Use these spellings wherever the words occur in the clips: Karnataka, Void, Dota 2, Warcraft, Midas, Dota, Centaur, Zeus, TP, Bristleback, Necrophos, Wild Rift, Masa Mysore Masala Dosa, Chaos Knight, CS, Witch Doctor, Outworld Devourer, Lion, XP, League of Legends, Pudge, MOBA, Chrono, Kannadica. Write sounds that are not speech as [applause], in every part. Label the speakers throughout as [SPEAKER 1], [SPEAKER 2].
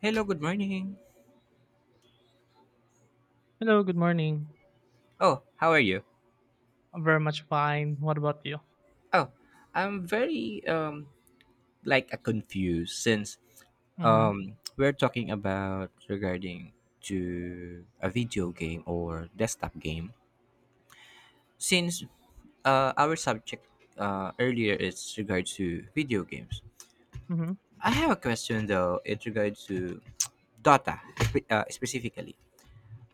[SPEAKER 1] Hello, good morning.
[SPEAKER 2] Hello, good morning.
[SPEAKER 1] Oh, how are you?
[SPEAKER 2] I'm very much fine. What about you?
[SPEAKER 1] Oh, I'm very like confused since
[SPEAKER 2] Mm-hmm.
[SPEAKER 1] we're talking about regarding to a video game or desktop game since our subject earlier is regard to video games.
[SPEAKER 2] Mm-hmm.
[SPEAKER 1] I have a question though in regard to [tsk] Dota specifically.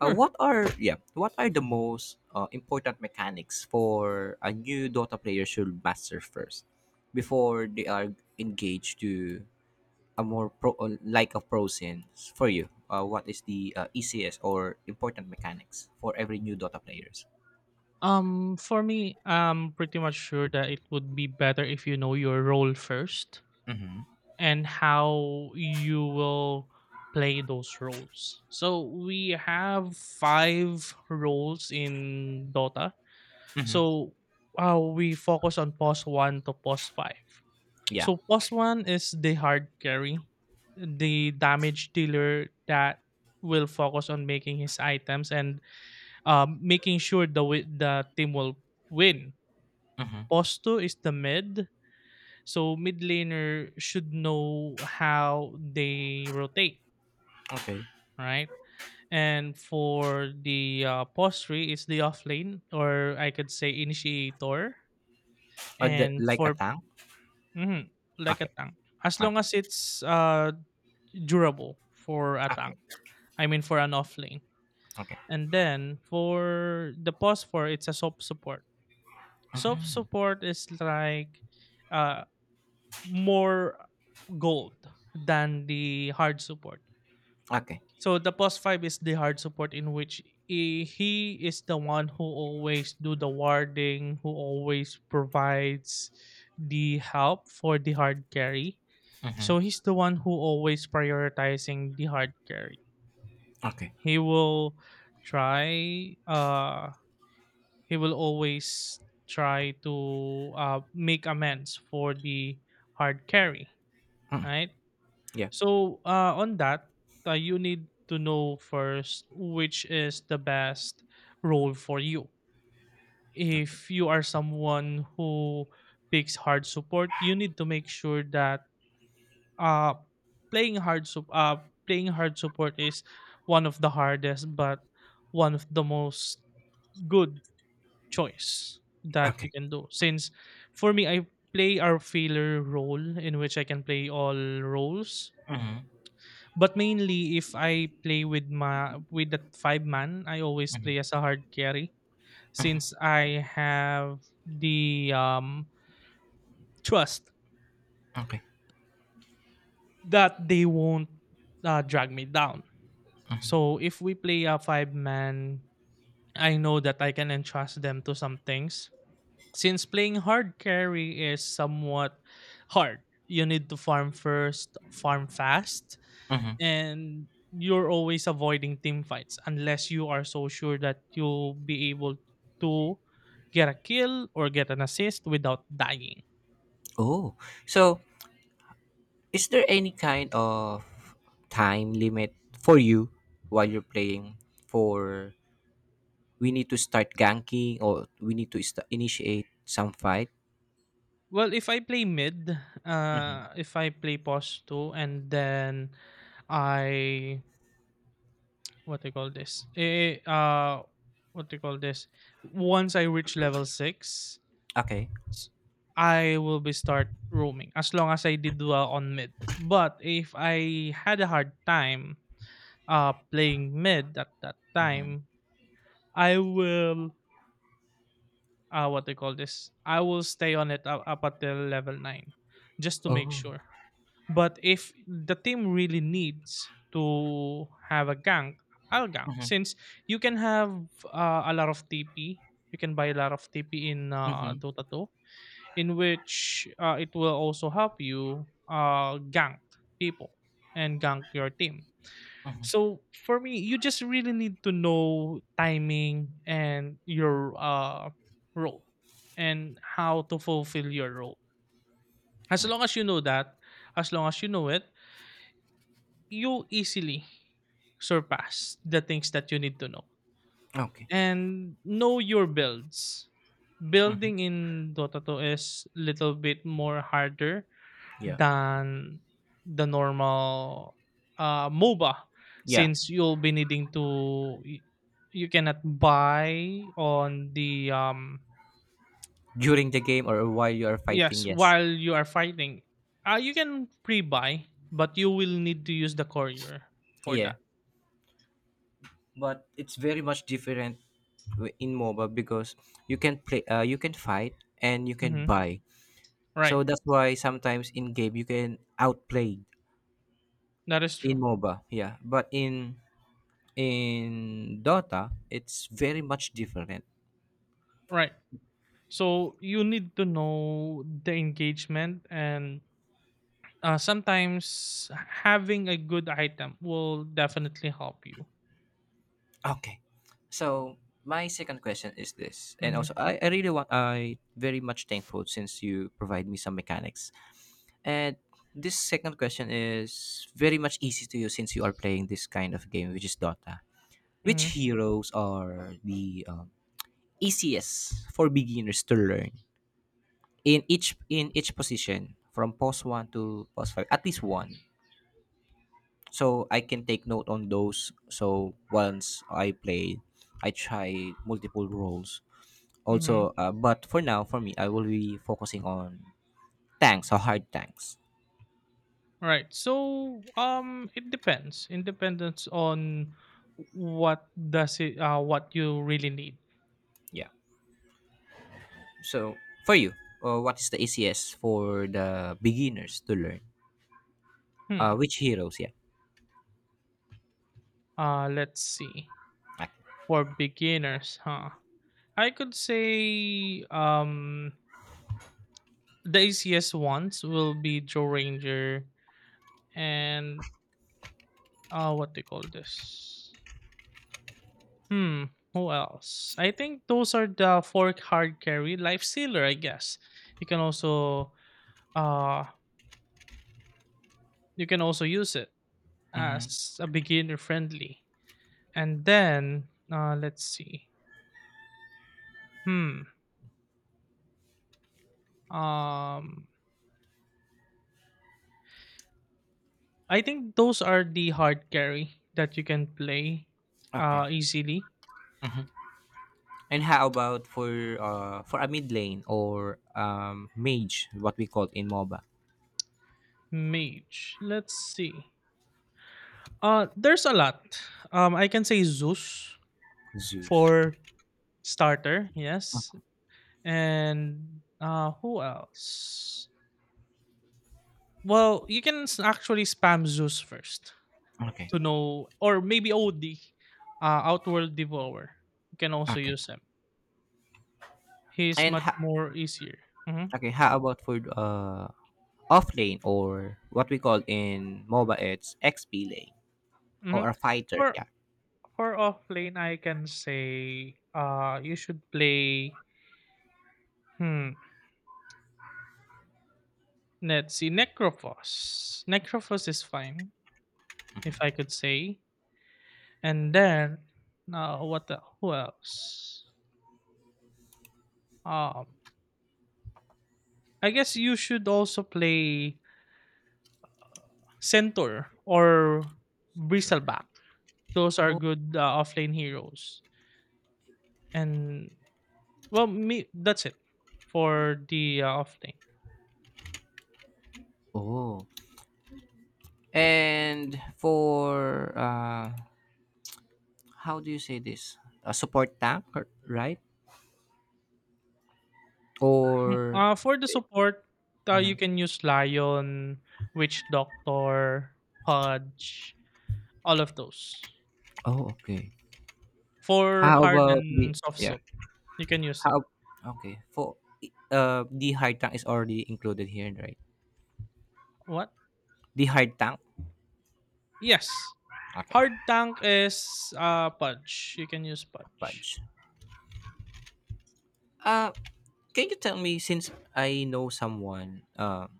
[SPEAKER 1] What are Yeah? What are the most important mechanics for a new Dota player should master first before they are engaged to a more pro like a pro sense for you? What is the easiest or important mechanics for every new Dota players?
[SPEAKER 2] For me, I'm pretty much sure that it would be better if you know your role first
[SPEAKER 1] Mm-hmm.
[SPEAKER 2] and how you will play those roles. So we have five roles in Dota.
[SPEAKER 1] Mm-hmm.
[SPEAKER 2] So we focus on pos one to pos five.
[SPEAKER 1] Yeah.
[SPEAKER 2] So plus one is the hard carry, the damage dealer that will focus on making his items and making sure the the team will win.
[SPEAKER 1] Mm-hmm.
[SPEAKER 2] Plus two is the mid, so mid laner should know how they rotate,
[SPEAKER 1] Okay.
[SPEAKER 2] right? And for the plus three is the off lane, or I could say initiator. And
[SPEAKER 1] Like a
[SPEAKER 2] for
[SPEAKER 1] tank.
[SPEAKER 2] mhm, like a
[SPEAKER 1] Okay.
[SPEAKER 2] tank, as long
[SPEAKER 1] Okay.
[SPEAKER 2] as it's durable for a
[SPEAKER 1] Okay.
[SPEAKER 2] tank. I mean for an off lane.
[SPEAKER 1] Okay.
[SPEAKER 2] And then for the pause for it's a soft support. Soft
[SPEAKER 1] Mm-hmm.
[SPEAKER 2] support is like uh more gold than the hard support.
[SPEAKER 1] Okay.
[SPEAKER 2] So the pause five is the hard support in which he is the one who always do the warding, who always provides the help for the hard carry.
[SPEAKER 1] Mm-hmm.
[SPEAKER 2] So he's the one who always prioritizing the hard carry.
[SPEAKER 1] Okay.
[SPEAKER 2] He will try he will always try to make amends for the hard carry,
[SPEAKER 1] Mm-hmm.
[SPEAKER 2] right?
[SPEAKER 1] Yeah.
[SPEAKER 2] So on that, you need to know first which is the best role for you.
[SPEAKER 1] Okay.
[SPEAKER 2] If you are someone who picks hard support, you need to make sure that uh playing hard sup- uh playing hard support is one of the hardest but one of the most good choice that you
[SPEAKER 1] Okay.
[SPEAKER 2] can do. Since for me, I play our failure role in which I can play all roles,
[SPEAKER 1] Mm-hmm.
[SPEAKER 2] but mainly if I play with my with that five man, I always
[SPEAKER 1] Mm-hmm.
[SPEAKER 2] play as a hard carry, since I have the trust
[SPEAKER 1] Okay.
[SPEAKER 2] that they won't drag me down. So if we play a five man, I know that I can entrust them to some things. Since playing hard carry is somewhat hard, you need to farm first, farm fast,
[SPEAKER 1] Hmm.
[SPEAKER 2] and you're always avoiding team fights unless you are so sure that you'll be able to get a kill or get an assist without dying.
[SPEAKER 1] Oh, so is there any kind of time limit for you while you're playing? For we need to start ganking or we need to sta initiate some fight.
[SPEAKER 2] Well, if I play mid,
[SPEAKER 1] Hmm.
[SPEAKER 2] if I play pos 2 and then I what they call this? What they call this? Once I reach level 6,
[SPEAKER 1] Okay.
[SPEAKER 2] s- I will be start roaming as long as I did well on mid. But if I had a hard time playing mid at that
[SPEAKER 1] Hmm.
[SPEAKER 2] time, I will what they call this? I will stay on it up until level 9 just to make
[SPEAKER 1] Oh.
[SPEAKER 2] sure. But if the team really needs to have a gank, I'll gank.
[SPEAKER 1] Hmm.
[SPEAKER 2] Since you can have a lot of TP, you can buy a lot of TP in
[SPEAKER 1] Hmm.
[SPEAKER 2] Dota 2, in which it will also help you gank people and gank your team.
[SPEAKER 1] Hmm.
[SPEAKER 2] So for me, you just really need to know timing and your role and how to fulfill your role. As long as you know that, as long as you know it, you easily surpass the things that you need to know.
[SPEAKER 1] Okay.
[SPEAKER 2] And know your builds.
[SPEAKER 1] Hmm.
[SPEAKER 2] Building in Dota 2 is little bit more harder
[SPEAKER 1] Yeah.
[SPEAKER 2] than the normal MOBA,
[SPEAKER 1] Yeah.
[SPEAKER 2] since you'll be needing to you cannot buy on the
[SPEAKER 1] During the game or while you are fighting,
[SPEAKER 2] yes
[SPEAKER 1] yes.
[SPEAKER 2] while you are fighting. You can pre-buy but you will need to use the courier for
[SPEAKER 1] Yeah,
[SPEAKER 2] that.
[SPEAKER 1] but it's very much different in MOBA because you can play, you can fight, and you can
[SPEAKER 2] Mhm.
[SPEAKER 1] buy.
[SPEAKER 2] Right.
[SPEAKER 1] So that's why sometimes in game you can outplay
[SPEAKER 2] That is true.
[SPEAKER 1] in MOBA, yeah. But in Dota, it's very much different.
[SPEAKER 2] Right. So you need to know the engagement, and sometimes having a good item will definitely help you.
[SPEAKER 1] Okay. So my second question is this, and also
[SPEAKER 2] Mm-hmm.
[SPEAKER 1] I really want I very much thankful since you provide me some mechanics. And this second question is very much easy to you since you are playing this kind of game, which is Dota.
[SPEAKER 2] Mm-hmm.
[SPEAKER 1] Which heroes are the easiest for beginners to learn? In each position from post 1 to post 5, at least one, so I can take note on those. So once I play, I try multiple roles. Also,
[SPEAKER 2] Mm-hmm.
[SPEAKER 1] but for now, for me, I will be focusing on tanks or hard tanks.
[SPEAKER 2] Right. So it depends. It depends on what does it what you really need.
[SPEAKER 1] Yeah, so for you, what is the easiest for the beginners to learn,
[SPEAKER 2] Hmm.
[SPEAKER 1] which heroes? Yeah.
[SPEAKER 2] Let's see.
[SPEAKER 1] Okay.
[SPEAKER 2] For beginners, huh? I could say The easiest ones will be Joe Ranger and what do you call this? Hmm, who else? I think those are the fork hard carry life sealer, I guess. You can also uh you can also use it
[SPEAKER 1] Mm,
[SPEAKER 2] as a beginner friendly. And then let's see. Hmm. Um, I think those are the hard carry that you can play
[SPEAKER 1] okay,
[SPEAKER 2] easily.
[SPEAKER 1] and how about for a mid lane, or mage, what we call in MOBA?
[SPEAKER 2] Mage. Let's see. Uh, there's a lot. Um, I can say Zeus
[SPEAKER 1] Zeus.
[SPEAKER 2] for starter, yes. And who else? Well, you can actually spam Zeus first
[SPEAKER 1] Okay.
[SPEAKER 2] to know, or maybe OD, Outworld Devourer. You can also
[SPEAKER 1] Okay.
[SPEAKER 2] use him. He's
[SPEAKER 1] And
[SPEAKER 2] much more easier. Hmm.
[SPEAKER 1] okay, how about for off lane, or what we call in MOBA it's XP lane,
[SPEAKER 2] Hmm.
[SPEAKER 1] or a fighter?
[SPEAKER 2] For
[SPEAKER 1] Yeah.
[SPEAKER 2] for off lane, I can say you should play. Hmm. Let's see, Necrophos. Necrophos is fine, if I could say. And then, who else? Um, I guess you should also play Centaur or Bristleback. Those are
[SPEAKER 1] Oh.
[SPEAKER 2] good offlane heroes. And well, me that's it for the offlane.
[SPEAKER 1] Oh. And for how do you say this? A support tank, or- right?
[SPEAKER 2] Mm,
[SPEAKER 1] Or
[SPEAKER 2] uh, for the support, you
[SPEAKER 1] mhm.
[SPEAKER 2] can use Lion, Witch Doctor, Pudge, all of those.
[SPEAKER 1] Oh, okay.
[SPEAKER 2] For
[SPEAKER 1] How
[SPEAKER 2] hard
[SPEAKER 1] about the
[SPEAKER 2] and soft
[SPEAKER 1] yeah?
[SPEAKER 2] soap, you can use
[SPEAKER 1] How
[SPEAKER 2] that.
[SPEAKER 1] Okay, for the hard tank is already included here, right?
[SPEAKER 2] What?
[SPEAKER 1] The hard tank.
[SPEAKER 2] Yes.
[SPEAKER 1] Okay,
[SPEAKER 2] Hard tank is Pudge. You can use Pudge.
[SPEAKER 1] fudge. Uh, Can you tell me, since I know someone,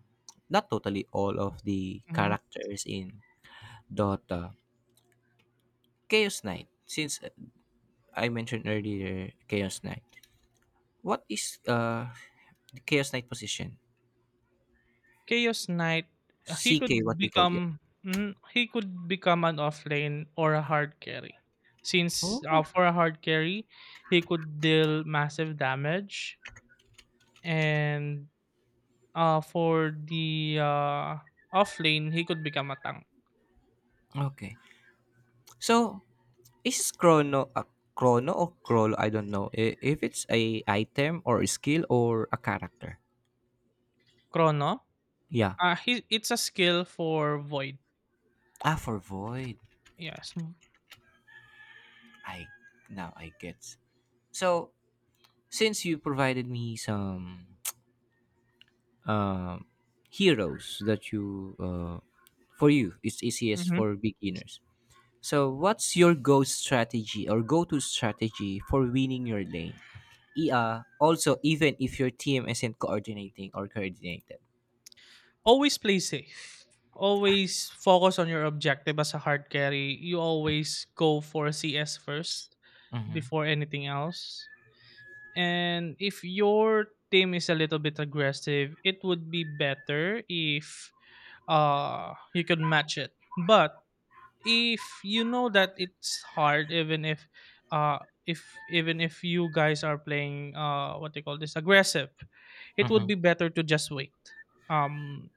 [SPEAKER 1] not totally all of the
[SPEAKER 2] Mhm.
[SPEAKER 1] characters in Dota, Chaos Knight. Since I mentioned earlier Chaos Knight, what is the Chaos Knight position?
[SPEAKER 2] Chaos Knight, he
[SPEAKER 1] CK, what
[SPEAKER 2] could
[SPEAKER 1] we call it.
[SPEAKER 2] become mhm, he could become an offlane or a hard carry. Since
[SPEAKER 1] Oh,
[SPEAKER 2] for a hard carry, he could deal massive damage, and for the offlane, he could become a tank.
[SPEAKER 1] okay. So is Chrono a Chrono or Crollo? I don't know if it's a item or a skill or a character.
[SPEAKER 2] Chrono,
[SPEAKER 1] Yeah.
[SPEAKER 2] it's a skill for Void.
[SPEAKER 1] Ah, for Void.
[SPEAKER 2] Yes.
[SPEAKER 1] I Now I get. So since you provided me some [tsk] uh, heroes that you for you it's easiest
[SPEAKER 2] Mm-hmm.
[SPEAKER 1] for beginners, so what's your go strategy or go-to strategy for winning your lane. Also, even if your team isn't coordinating or coordinated.
[SPEAKER 2] Always play safe. Always focus on your objective as a hard carry. You always go for CS first
[SPEAKER 1] Mm-hmm.
[SPEAKER 2] before anything else. And if your team is a little bit aggressive, it would be better if you could match it. But if you know that it's hard, even uh if even if you guys are playing what they call this aggressive, it would
[SPEAKER 1] Mm-hmm.
[SPEAKER 2] be better to just wait. Um,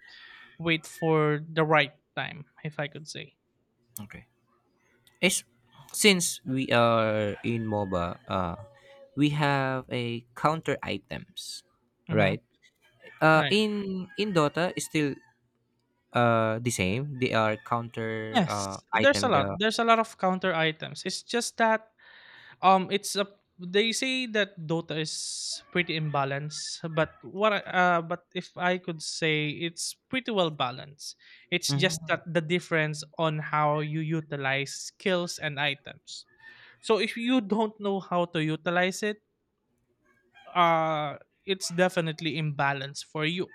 [SPEAKER 2] wait for the right time, if I could say.
[SPEAKER 1] Okay, it's, since we are in MOBA, we have a counter items,
[SPEAKER 2] Mm-hmm.
[SPEAKER 1] right?
[SPEAKER 2] Right.
[SPEAKER 1] In Dota is still. The same. They are counter
[SPEAKER 2] Yes, there's a
[SPEAKER 1] item.
[SPEAKER 2] lot.
[SPEAKER 1] The
[SPEAKER 2] There's a lot of counter items. It's just that it's a They say that Dota is pretty imbalanced, but if I could say it's pretty well balanced. It's just
[SPEAKER 1] mm-hmm,
[SPEAKER 2] that the difference on how you utilize skills and items. So if you don't know how to utilize it, uh, it's definitely imbalanced for you.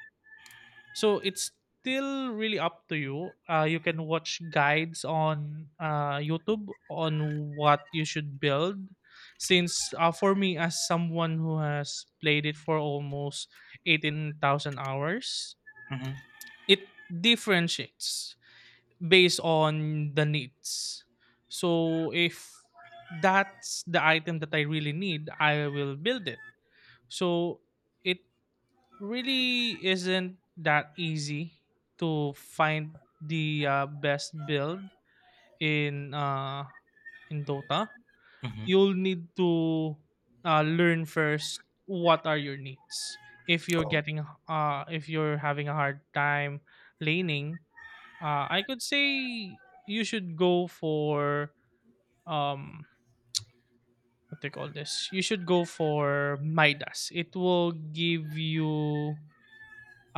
[SPEAKER 2] So it's still really up to you. You can watch guides on YouTube on what you should build. Since for me, as someone who has played it for almost 18,000 hours,
[SPEAKER 1] mm-hmm,
[SPEAKER 2] it differentiates based on the needs. So if that's the item that I really need, I will build it. So it really isn't that easy to find the best build in uh, in Dota.
[SPEAKER 1] mm-hmm,
[SPEAKER 2] You'll need to learn first what are your needs. If you're getting if you're having a hard time laning, I could say you should go for um what they call this. You should go for Midas. It will give you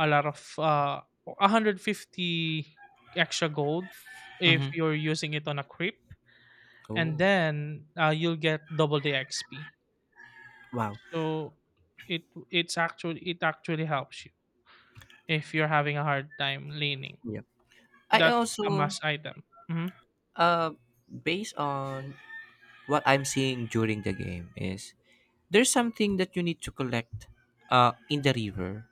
[SPEAKER 2] a lot of 150 extra gold if
[SPEAKER 1] mm-hmm.
[SPEAKER 2] you're using it on a creep, and
[SPEAKER 1] Oh,
[SPEAKER 2] then you'll get double the XP.
[SPEAKER 1] wow,
[SPEAKER 2] So it it's actually it actually helps you if you're having a hard time laning.
[SPEAKER 1] yeah. I
[SPEAKER 2] That's a
[SPEAKER 1] also
[SPEAKER 2] must item. Mhm.
[SPEAKER 1] uh based on what I'm seeing during the game is there's something that you need to collect in the river.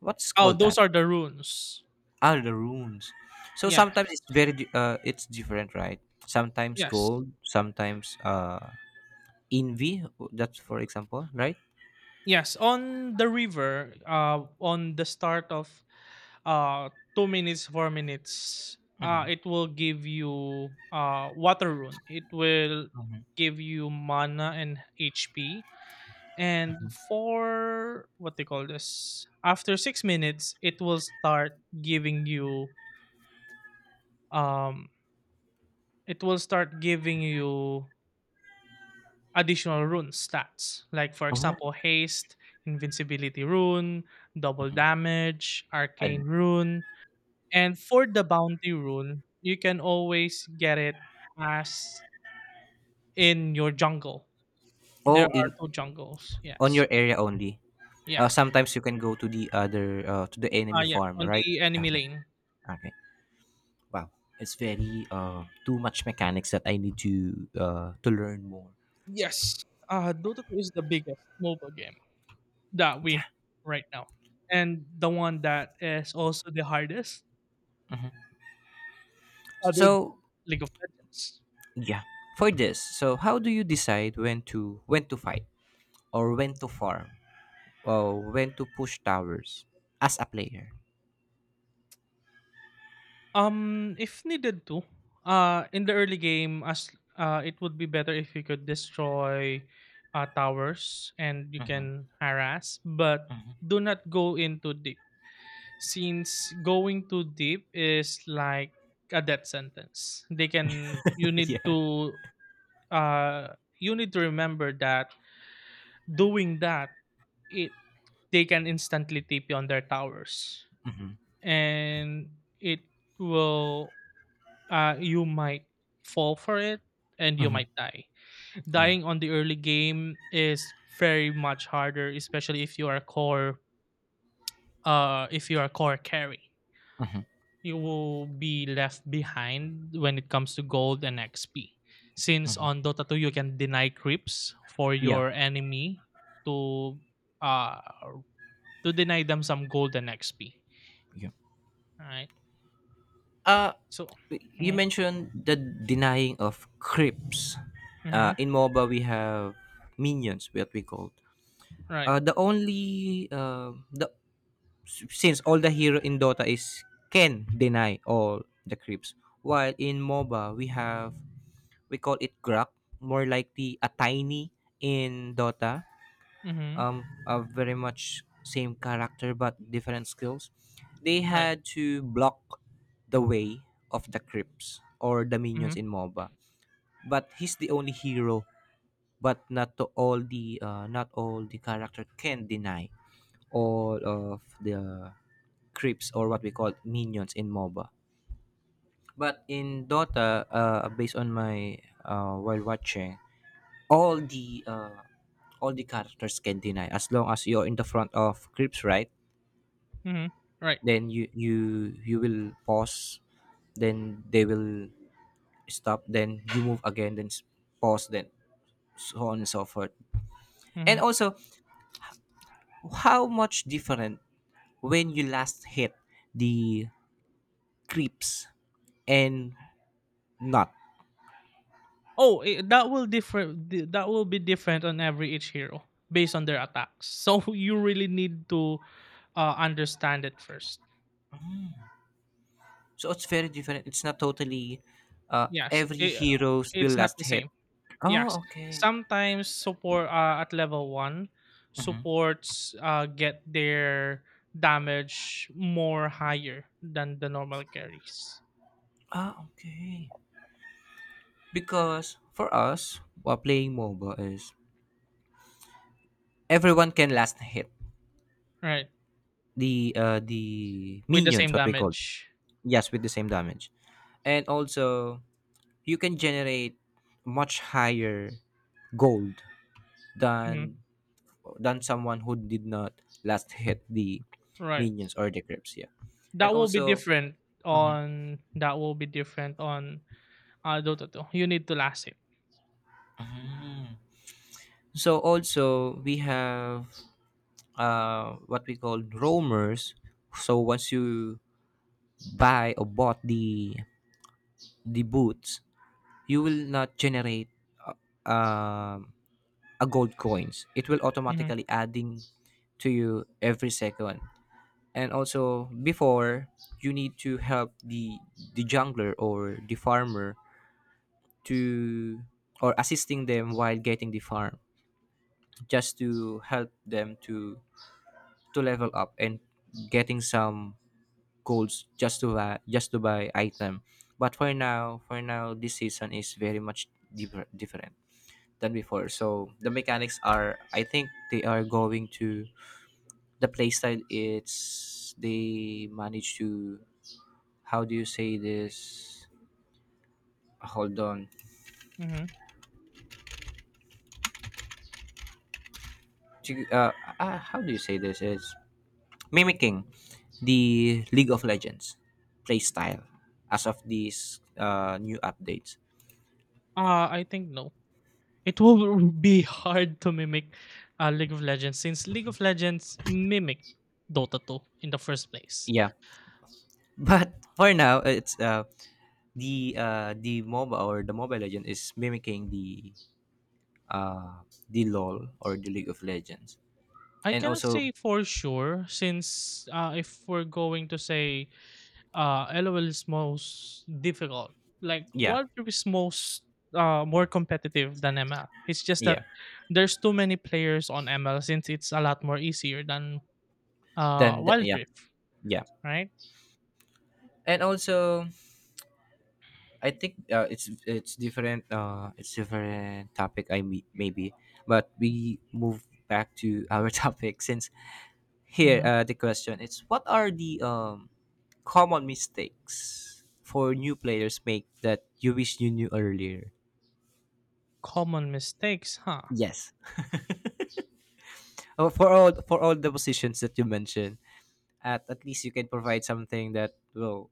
[SPEAKER 1] What's
[SPEAKER 2] Oh,
[SPEAKER 1] called that?
[SPEAKER 2] those are the runes.
[SPEAKER 1] Are the runes. So sometimes
[SPEAKER 2] Yes.
[SPEAKER 1] it's very it's different, right? Sometimes
[SPEAKER 2] Yes.
[SPEAKER 1] gold, sometimes envy. That's for example, right?
[SPEAKER 2] Yes, on the river, on the start of, uh, 2 minutes, 4 minutes,
[SPEAKER 1] Mm-hmm,
[SPEAKER 2] uh, it will give you water rune. It will
[SPEAKER 1] mm-hmm.
[SPEAKER 2] give you mana and HP. And for what they call this, after 6 minutes it will start giving you um it will start giving you additional rune stats, like for
[SPEAKER 1] Mm-hmm.
[SPEAKER 2] example
[SPEAKER 1] Oh,
[SPEAKER 2] haste, invincibility rune, double
[SPEAKER 1] mhm.
[SPEAKER 2] damage
[SPEAKER 1] Uh,
[SPEAKER 2] arcane rune. And for the bounty rune, you can always get it as in your jungle. There
[SPEAKER 1] Oh,
[SPEAKER 2] are
[SPEAKER 1] in
[SPEAKER 2] two jungles.
[SPEAKER 1] on
[SPEAKER 2] Yes.
[SPEAKER 1] your area only.
[SPEAKER 2] Yes.
[SPEAKER 1] Sometimes you can go to the other to the
[SPEAKER 2] Ah,
[SPEAKER 1] enemy
[SPEAKER 2] yeah.
[SPEAKER 1] farm,
[SPEAKER 2] On
[SPEAKER 1] right?
[SPEAKER 2] the enemy
[SPEAKER 1] Okay.
[SPEAKER 2] lane.
[SPEAKER 1] Okay. Wow, it's very too much mechanics that I need to learn more.
[SPEAKER 2] Yes. Dota 2 is the biggest mobile game that we
[SPEAKER 1] Yeah.
[SPEAKER 2] have right now. And the one that is also the hardest,
[SPEAKER 1] Mhm.
[SPEAKER 2] other than
[SPEAKER 1] So,
[SPEAKER 2] League of Legends.
[SPEAKER 1] yeah, for this, so how do you decide when to fight or when to farm or when to push towers as a player?
[SPEAKER 2] If needed to, in the early game, as it would be better if you could destroy towers and you
[SPEAKER 1] Hmm.
[SPEAKER 2] can harass, but
[SPEAKER 1] Hmm.
[SPEAKER 2] do not go in too deep. Since going too deep is like a death sentence. They can You
[SPEAKER 1] [laughs]
[SPEAKER 2] need
[SPEAKER 1] Yeah.
[SPEAKER 2] to you need to remember that doing that, it they can instantly TP on their towers,
[SPEAKER 1] Hmm.
[SPEAKER 2] and it will you might fall for it and you
[SPEAKER 1] Hmm.
[SPEAKER 2] might die.
[SPEAKER 1] Yeah.
[SPEAKER 2] Dying on the early game is very much harder, especially if you are core. If you are core carry,
[SPEAKER 1] Hmm.
[SPEAKER 2] you will be left behind when it comes to gold and XP. Since on
[SPEAKER 1] Hmm.
[SPEAKER 2] Dota 2 you can deny creeps for
[SPEAKER 1] Yeah.
[SPEAKER 2] your enemy to uh deny them some gold and XP.
[SPEAKER 1] Yeah.
[SPEAKER 2] Right.
[SPEAKER 1] Uh,
[SPEAKER 2] So.
[SPEAKER 1] you
[SPEAKER 2] Mm-hmm,
[SPEAKER 1] mentioned the denying of creeps.
[SPEAKER 2] mm-hmm,
[SPEAKER 1] In MOBA, we have minions, what we called.
[SPEAKER 2] right.
[SPEAKER 1] The only the Since all the hero in Dota is can deny all the creeps, while in MOBA we call it grub, more likely a tiny in Dota,
[SPEAKER 2] Mm-hmm,
[SPEAKER 1] a very much same character but different skills. They
[SPEAKER 2] right.
[SPEAKER 1] had to block the way of the Crips or the
[SPEAKER 2] Mm-hmm,
[SPEAKER 1] minions in MOBA. But he's the only hero, but not all the character can deny all of the creeps or what we call minions in MOBA. But in Dota, based on my while watching, all the uh, all the characters can deny as long as you're in the front of creeps, right?
[SPEAKER 2] mm-hmm, right.
[SPEAKER 1] Then you will pause, then they will stop, then you move again, then pause, then so on and so forth.
[SPEAKER 2] Mm-hmm.
[SPEAKER 1] And also, how much different when you last hit the creeps and not?
[SPEAKER 2] Oh, that will differ. That will be different on every each hero based on their attacks. So [laughs] you really need to understand it first.
[SPEAKER 1] So it's very different, it's not totally
[SPEAKER 2] Yes,
[SPEAKER 1] every heroes will
[SPEAKER 2] it's not
[SPEAKER 1] last
[SPEAKER 2] the
[SPEAKER 1] hit.
[SPEAKER 2] same. Yes,
[SPEAKER 1] Oh, okay.
[SPEAKER 2] sometimes support at level one
[SPEAKER 1] Mhm.
[SPEAKER 2] supports get their damage more higher than the normal carries.
[SPEAKER 1] Ah, okay, because for us while playing MOBA is everyone can last hit
[SPEAKER 2] Right,
[SPEAKER 1] the
[SPEAKER 2] with the
[SPEAKER 1] minions
[SPEAKER 2] same
[SPEAKER 1] what we call.
[SPEAKER 2] damage.
[SPEAKER 1] Yes, with the same damage. And also, you can generate much higher gold than
[SPEAKER 2] Mhm.
[SPEAKER 1] someone who did not last hit the
[SPEAKER 2] Right,
[SPEAKER 1] minions or the creeps, yeah. And
[SPEAKER 2] that will be
[SPEAKER 1] also.
[SPEAKER 2] different
[SPEAKER 1] Mhm.
[SPEAKER 2] on that will be different on Dota two. You need to last it.
[SPEAKER 1] Mm. So also we have what we call roamers. So once you buy or bought the boots, you will not generate uh, um a gold coins, it will
[SPEAKER 2] Mhm,
[SPEAKER 1] automatically adding to you every second. And also, before, you need to help the jungler or the farmer to, or assisting them while getting the farm, just to help them to level up and getting some goals, just to buy item. But for now, this season is very much different than before. So the mechanics are, I think they are going to the playstyle, it's they manage to, how do you say this, hold on.
[SPEAKER 2] mhm.
[SPEAKER 1] To- uh, how do you say this is mimicking the League of Legends playstyle as of these new updates.
[SPEAKER 2] I think no. It will [laughs] be hard to mimic League of Legends since League of Legends mimic Dota 2 in the first place.
[SPEAKER 1] Yeah. [laughs] But for now it's the MOBA, or the Mobile Legend is mimicking uh, the LOL, or the League of Legends.
[SPEAKER 2] I
[SPEAKER 1] And
[SPEAKER 2] cannot
[SPEAKER 1] also,
[SPEAKER 2] say for sure since if we're going to say LOL is most difficult, like
[SPEAKER 1] yeah.
[SPEAKER 2] Warcraft is most more competitive than ML. It's just that
[SPEAKER 1] Yeah,
[SPEAKER 2] there's too many players on ML since it's a lot more easier than
[SPEAKER 1] then the,
[SPEAKER 2] Wild
[SPEAKER 1] yeah,
[SPEAKER 2] Rift,
[SPEAKER 1] yeah,
[SPEAKER 2] right?
[SPEAKER 1] and also I think it's different. It's different topic. Maybe, but we move back to our [laughs] topic, since here
[SPEAKER 2] Mhm.
[SPEAKER 1] the question is what are the common mistakes for new players make that you wish you knew earlier.
[SPEAKER 2] Common mistakes, huh?
[SPEAKER 1] Yes, oh, for all, the positions that you mentioned, at least you can provide something that will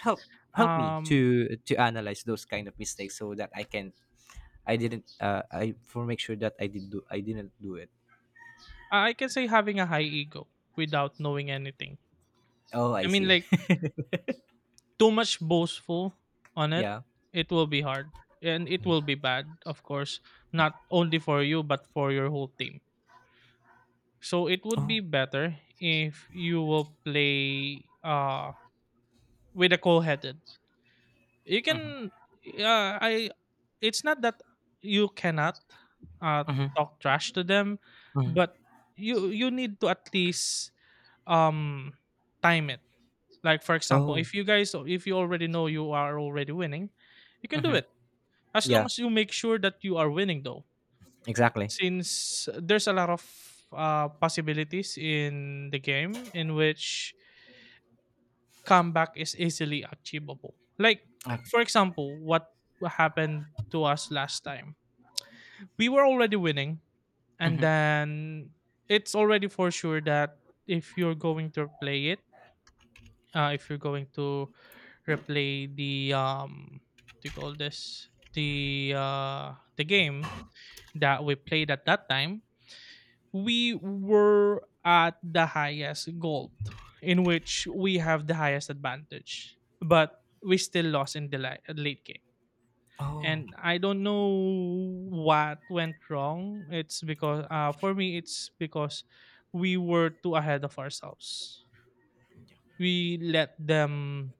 [SPEAKER 1] help help me
[SPEAKER 2] Um,
[SPEAKER 1] to analyze those kind of mistakes so that I can, I didn't, I for make sure that I did do, I didn't do it.
[SPEAKER 2] I can say having a high ego without knowing anything.
[SPEAKER 1] Oh, I
[SPEAKER 2] I mean,
[SPEAKER 1] see.
[SPEAKER 2] like too much boastful
[SPEAKER 1] [laughs]
[SPEAKER 2] on it,
[SPEAKER 1] Yeah.
[SPEAKER 2] it will be hard and it will be bad, of course, not only for you but for your whole team. So it would be
[SPEAKER 1] Oh.
[SPEAKER 2] better if you will play with a cool-headed. You
[SPEAKER 1] Mm-hmm.
[SPEAKER 2] can I It's not that you cannot uh
[SPEAKER 1] Mm-hmm.
[SPEAKER 2] talk trash to them,
[SPEAKER 1] Mm-hmm.
[SPEAKER 2] but you need to at least um time it. Like for example,
[SPEAKER 1] Oh.
[SPEAKER 2] if you already know you are already winning, you can do
[SPEAKER 1] Mm-hmm.
[SPEAKER 2] it as long
[SPEAKER 1] Yeah.
[SPEAKER 2] as you make sure that you are winning though.
[SPEAKER 1] Exactly.
[SPEAKER 2] Since there's a lot of possibilities in the game in which comeback is easily achievable. Like
[SPEAKER 1] Okay.
[SPEAKER 2] for example, what happened to us last time. We were already winning, and
[SPEAKER 1] Mm-hmm.
[SPEAKER 2] then it's already for sure that if you're going to play it, if you're going to replay the what do you call this, the game that we played at that time. We were at the highest gold in which we have the highest advantage, but we still lost in the late game,
[SPEAKER 1] Oh.
[SPEAKER 2] and I don't know what went wrong. It's because, for me, it's because we were too ahead of ourselves. We let them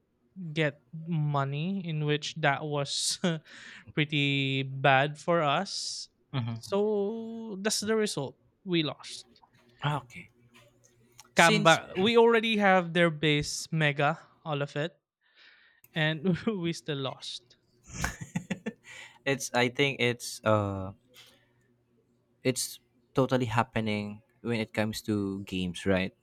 [SPEAKER 2] get money, in which that was [laughs] pretty bad for us.
[SPEAKER 1] Mm-hmm.
[SPEAKER 2] So that's the result. We lost.
[SPEAKER 1] Okay. Since
[SPEAKER 2] Comeback. We already have their base mega, all of it, and [laughs] we still lost.
[SPEAKER 1] it's. I think it's. It's totally happening when it comes to games, right?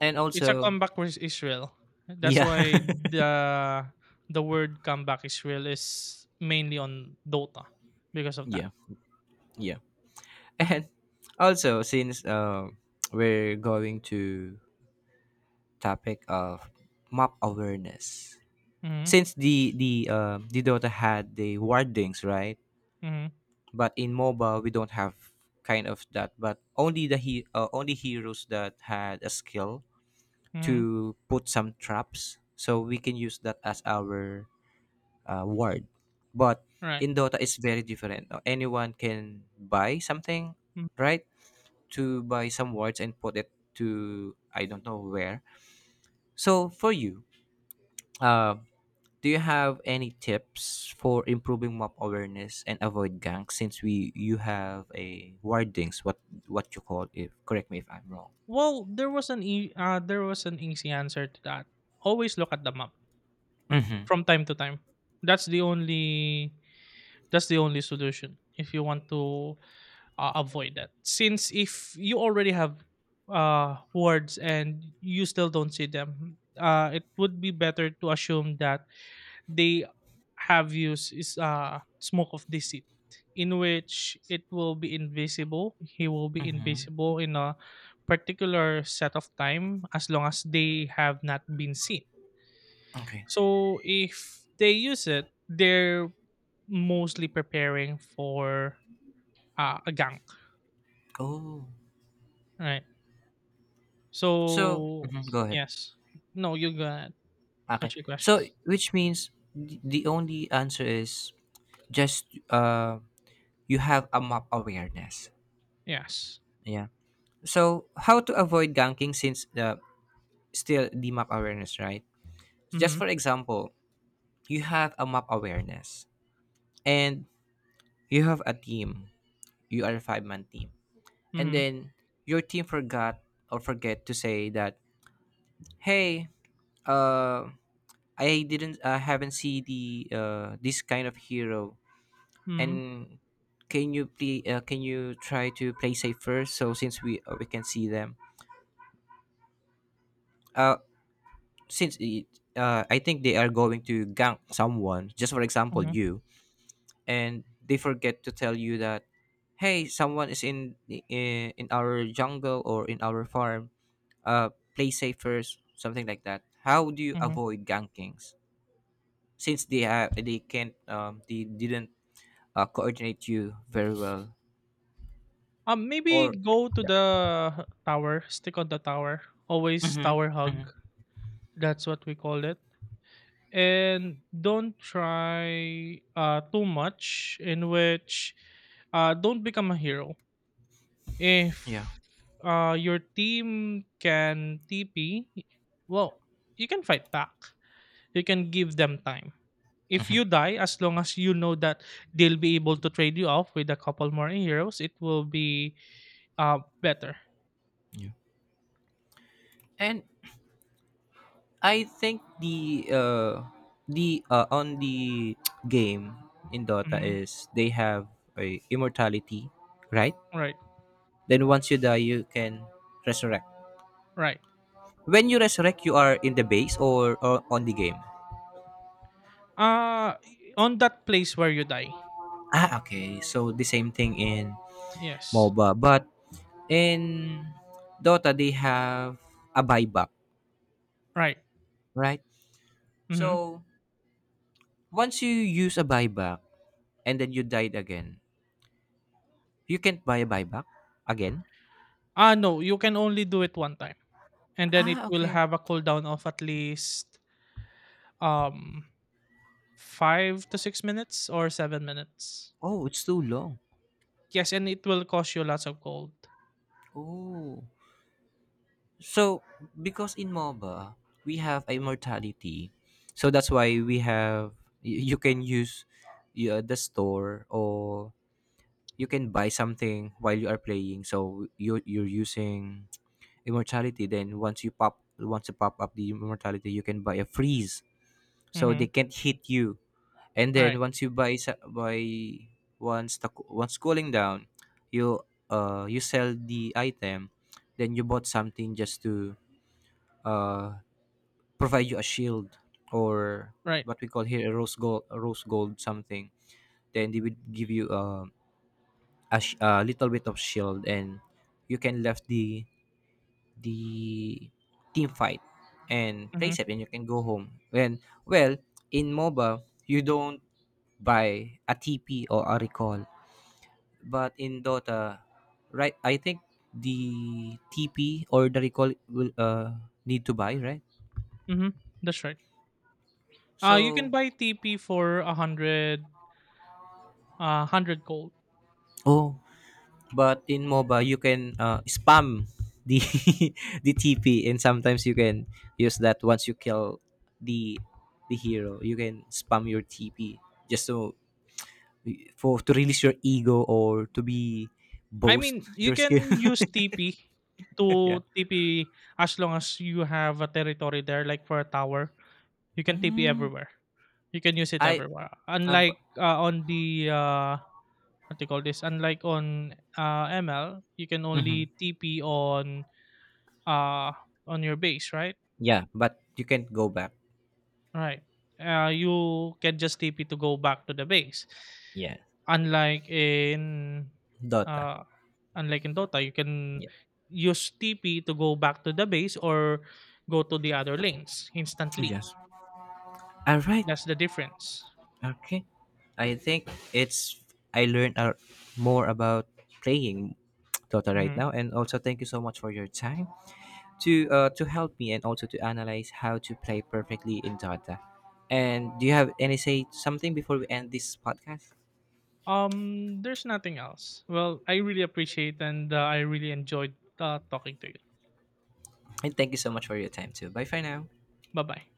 [SPEAKER 1] And
[SPEAKER 2] It's a
[SPEAKER 1] also.
[SPEAKER 2] comeback versus Israel. That's
[SPEAKER 1] Yeah.
[SPEAKER 2] why the word comeback Israel is mainly on Dota because
[SPEAKER 1] [laughs]
[SPEAKER 2] of that.
[SPEAKER 1] Yeah. Yeah. And also since we're going to topic of map awareness.
[SPEAKER 2] Mm-hmm.
[SPEAKER 1] Since the Dota had the wardings, right?
[SPEAKER 2] Mm-hmm.
[SPEAKER 1] But in MOBA we don't have kind of that. But only the he only heroes that had a skill
[SPEAKER 2] Mm-hmm.
[SPEAKER 1] to put some traps, so we can use that as our ward. But
[SPEAKER 2] Right.
[SPEAKER 1] in Dota it's very different. Anyone can buy something,
[SPEAKER 2] Mm.
[SPEAKER 1] right? To buy some wards and put it to, I don't know where. So for you, uh, do you have any tips for improving mob awareness and avoid gangs? Since we you have a wardings, what you call it? Correct me if I'm wrong.
[SPEAKER 2] Well, there was an easy answer to that. Always look at the map
[SPEAKER 1] Mm-hmm.
[SPEAKER 2] from time to time. That's the only that's the only solution if you want to avoid that, since if you already have words and you still don't see them, it would be better to assume that they have used is smoke of deceit, in which it will be invisible, he will be
[SPEAKER 1] Mm-hmm.
[SPEAKER 2] invisible in a particular set of time as long as they have not been seen.
[SPEAKER 1] Okay.
[SPEAKER 2] So if they use it, they're mostly preparing for a gank,
[SPEAKER 1] Oh.
[SPEAKER 2] right?
[SPEAKER 1] So
[SPEAKER 2] So
[SPEAKER 1] mhm, go ahead.
[SPEAKER 2] yes. No, you got
[SPEAKER 1] Okay.
[SPEAKER 2] what's your question?
[SPEAKER 1] So which means the only answer is just you have a map awareness.
[SPEAKER 2] Yes.
[SPEAKER 1] Yeah. So how to avoid ganking, since the still the map awareness, right? Just for
[SPEAKER 2] Mhm.
[SPEAKER 1] example, you have a map awareness, and you have a team, you are a five-man team, and
[SPEAKER 2] Mhm.
[SPEAKER 1] then your team forgot or forget to say that, hey, uh I haven't seen the this kind of hero,
[SPEAKER 2] Mhm.
[SPEAKER 1] and can you try to play safe first, so since we can see them, uh since it, I think they are going to gank someone, just for example
[SPEAKER 2] Mhm.
[SPEAKER 1] you, and they forget to tell you that, hey, someone is in our jungle or in our farm, uh, play safe first, something like that. How do you
[SPEAKER 2] Mhm.
[SPEAKER 1] avoid gankings, since they have they can't they didn't coordinate you very well?
[SPEAKER 2] Maybe
[SPEAKER 1] Or
[SPEAKER 2] go to
[SPEAKER 1] yeah.
[SPEAKER 2] the tower. Stick on the tower. Always
[SPEAKER 1] Hmm.
[SPEAKER 2] tower
[SPEAKER 1] Hmm.
[SPEAKER 2] hug. That's what we call it. And don't try too much. In which, don't become a hero.
[SPEAKER 1] Yeah.
[SPEAKER 2] If your team can TP, well, you can fight back. You can give them time if
[SPEAKER 1] Hmm.
[SPEAKER 2] you die, as long as you know that they'll be able to trade you off with a couple more heroes, it will be better.
[SPEAKER 1] Yeah. And I think the on the [tsk] game in Dota
[SPEAKER 2] Mhm.
[SPEAKER 1] is they have a immortality, right?
[SPEAKER 2] Right,
[SPEAKER 1] Then once you die, you can resurrect.
[SPEAKER 2] right.
[SPEAKER 1] When you resurrect, you are in the base, or on the game.
[SPEAKER 2] Uh on that place where you die.
[SPEAKER 1] Ah, okay. So the same thing in
[SPEAKER 2] Yes.
[SPEAKER 1] MOBA, but in Dota they have a buyback,
[SPEAKER 2] Right.
[SPEAKER 1] right?
[SPEAKER 2] Mm-hmm.
[SPEAKER 1] So once you use a buyback and then you died again, you can't buy a buyback again.
[SPEAKER 2] No, you can only do it one time, and then it
[SPEAKER 1] Ah,
[SPEAKER 2] will
[SPEAKER 1] okay.
[SPEAKER 2] have a cooldown of at least um 5 to 6 minutes or 7 minutes.
[SPEAKER 1] Oh, it's too long.
[SPEAKER 2] Yes, and it will cost you lots of gold.
[SPEAKER 1] Oh, so because in MOBA we have a immortality, so that's why we have you can use, yeah, the store, or you can buy something while you are playing, so you're using immortality, then once you pop up the immortality you can buy a freeze so
[SPEAKER 2] Mm-hmm.
[SPEAKER 1] they can't hit you, and then
[SPEAKER 2] Right.
[SPEAKER 1] once you buy. Once the, once cooling down, you you sell the item, then you bought something just to uh provide you a shield, or
[SPEAKER 2] Right.
[SPEAKER 1] what we call here a rose gold, something, then they would give you a, a little bit of shield, and you can left the team fight and play
[SPEAKER 2] Mm-hmm.
[SPEAKER 1] safe, and you can go home when well in MOBA you don't buy a TP or a recall, but in Dota, right, I think the TP or the recall will need to buy, right?
[SPEAKER 2] Mm-hmm. That's right. You can
[SPEAKER 1] So
[SPEAKER 2] buy TP for a hundred gold.
[SPEAKER 1] oh, but in MOBA, you can, spam the [laughs] the TP, and sometimes you can use that once you kill the the hero. You can spam your TP just so for to release your ego or to be
[SPEAKER 2] I
[SPEAKER 1] boast
[SPEAKER 2] mean, you
[SPEAKER 1] your skill.
[SPEAKER 2] can
[SPEAKER 1] [laughs]
[SPEAKER 2] use TP
[SPEAKER 1] Yeah.
[SPEAKER 2] to TP as long as you have a territory there, like for a tower. You can TP
[SPEAKER 1] Mm,
[SPEAKER 2] everywhere. You can use it
[SPEAKER 1] I
[SPEAKER 2] everywhere.
[SPEAKER 1] bu
[SPEAKER 2] Unlike on the what do you call this? Unlike on ML, you can
[SPEAKER 1] mhm.
[SPEAKER 2] only TP uh on your base, right?
[SPEAKER 1] Yeah, but you can go back.
[SPEAKER 2] Right. You can just TP to go back to the base.
[SPEAKER 1] Yeah.
[SPEAKER 2] Unlike in
[SPEAKER 1] Dota.
[SPEAKER 2] uh Unlike in Dota, you can
[SPEAKER 1] Yeah.
[SPEAKER 2] use TP to go back to the base or go to the other lanes instantly.
[SPEAKER 1] Yes. All right.
[SPEAKER 2] That's the difference.
[SPEAKER 1] Okay. I think it's, I learned a, more about playing Dota right
[SPEAKER 2] Mhm.
[SPEAKER 1] now, and also thank you so much for your time to help me and also to analyze how to play perfectly in Dota. And do you have any say something before we end this podcast?
[SPEAKER 2] Um, there's nothing else. Well, I really appreciate and I really enjoyed talking to you.
[SPEAKER 1] And thank you so much for your time too. Bye for now.
[SPEAKER 2] Bye bye.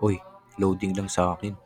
[SPEAKER 1] Uy, loading lang sa akin.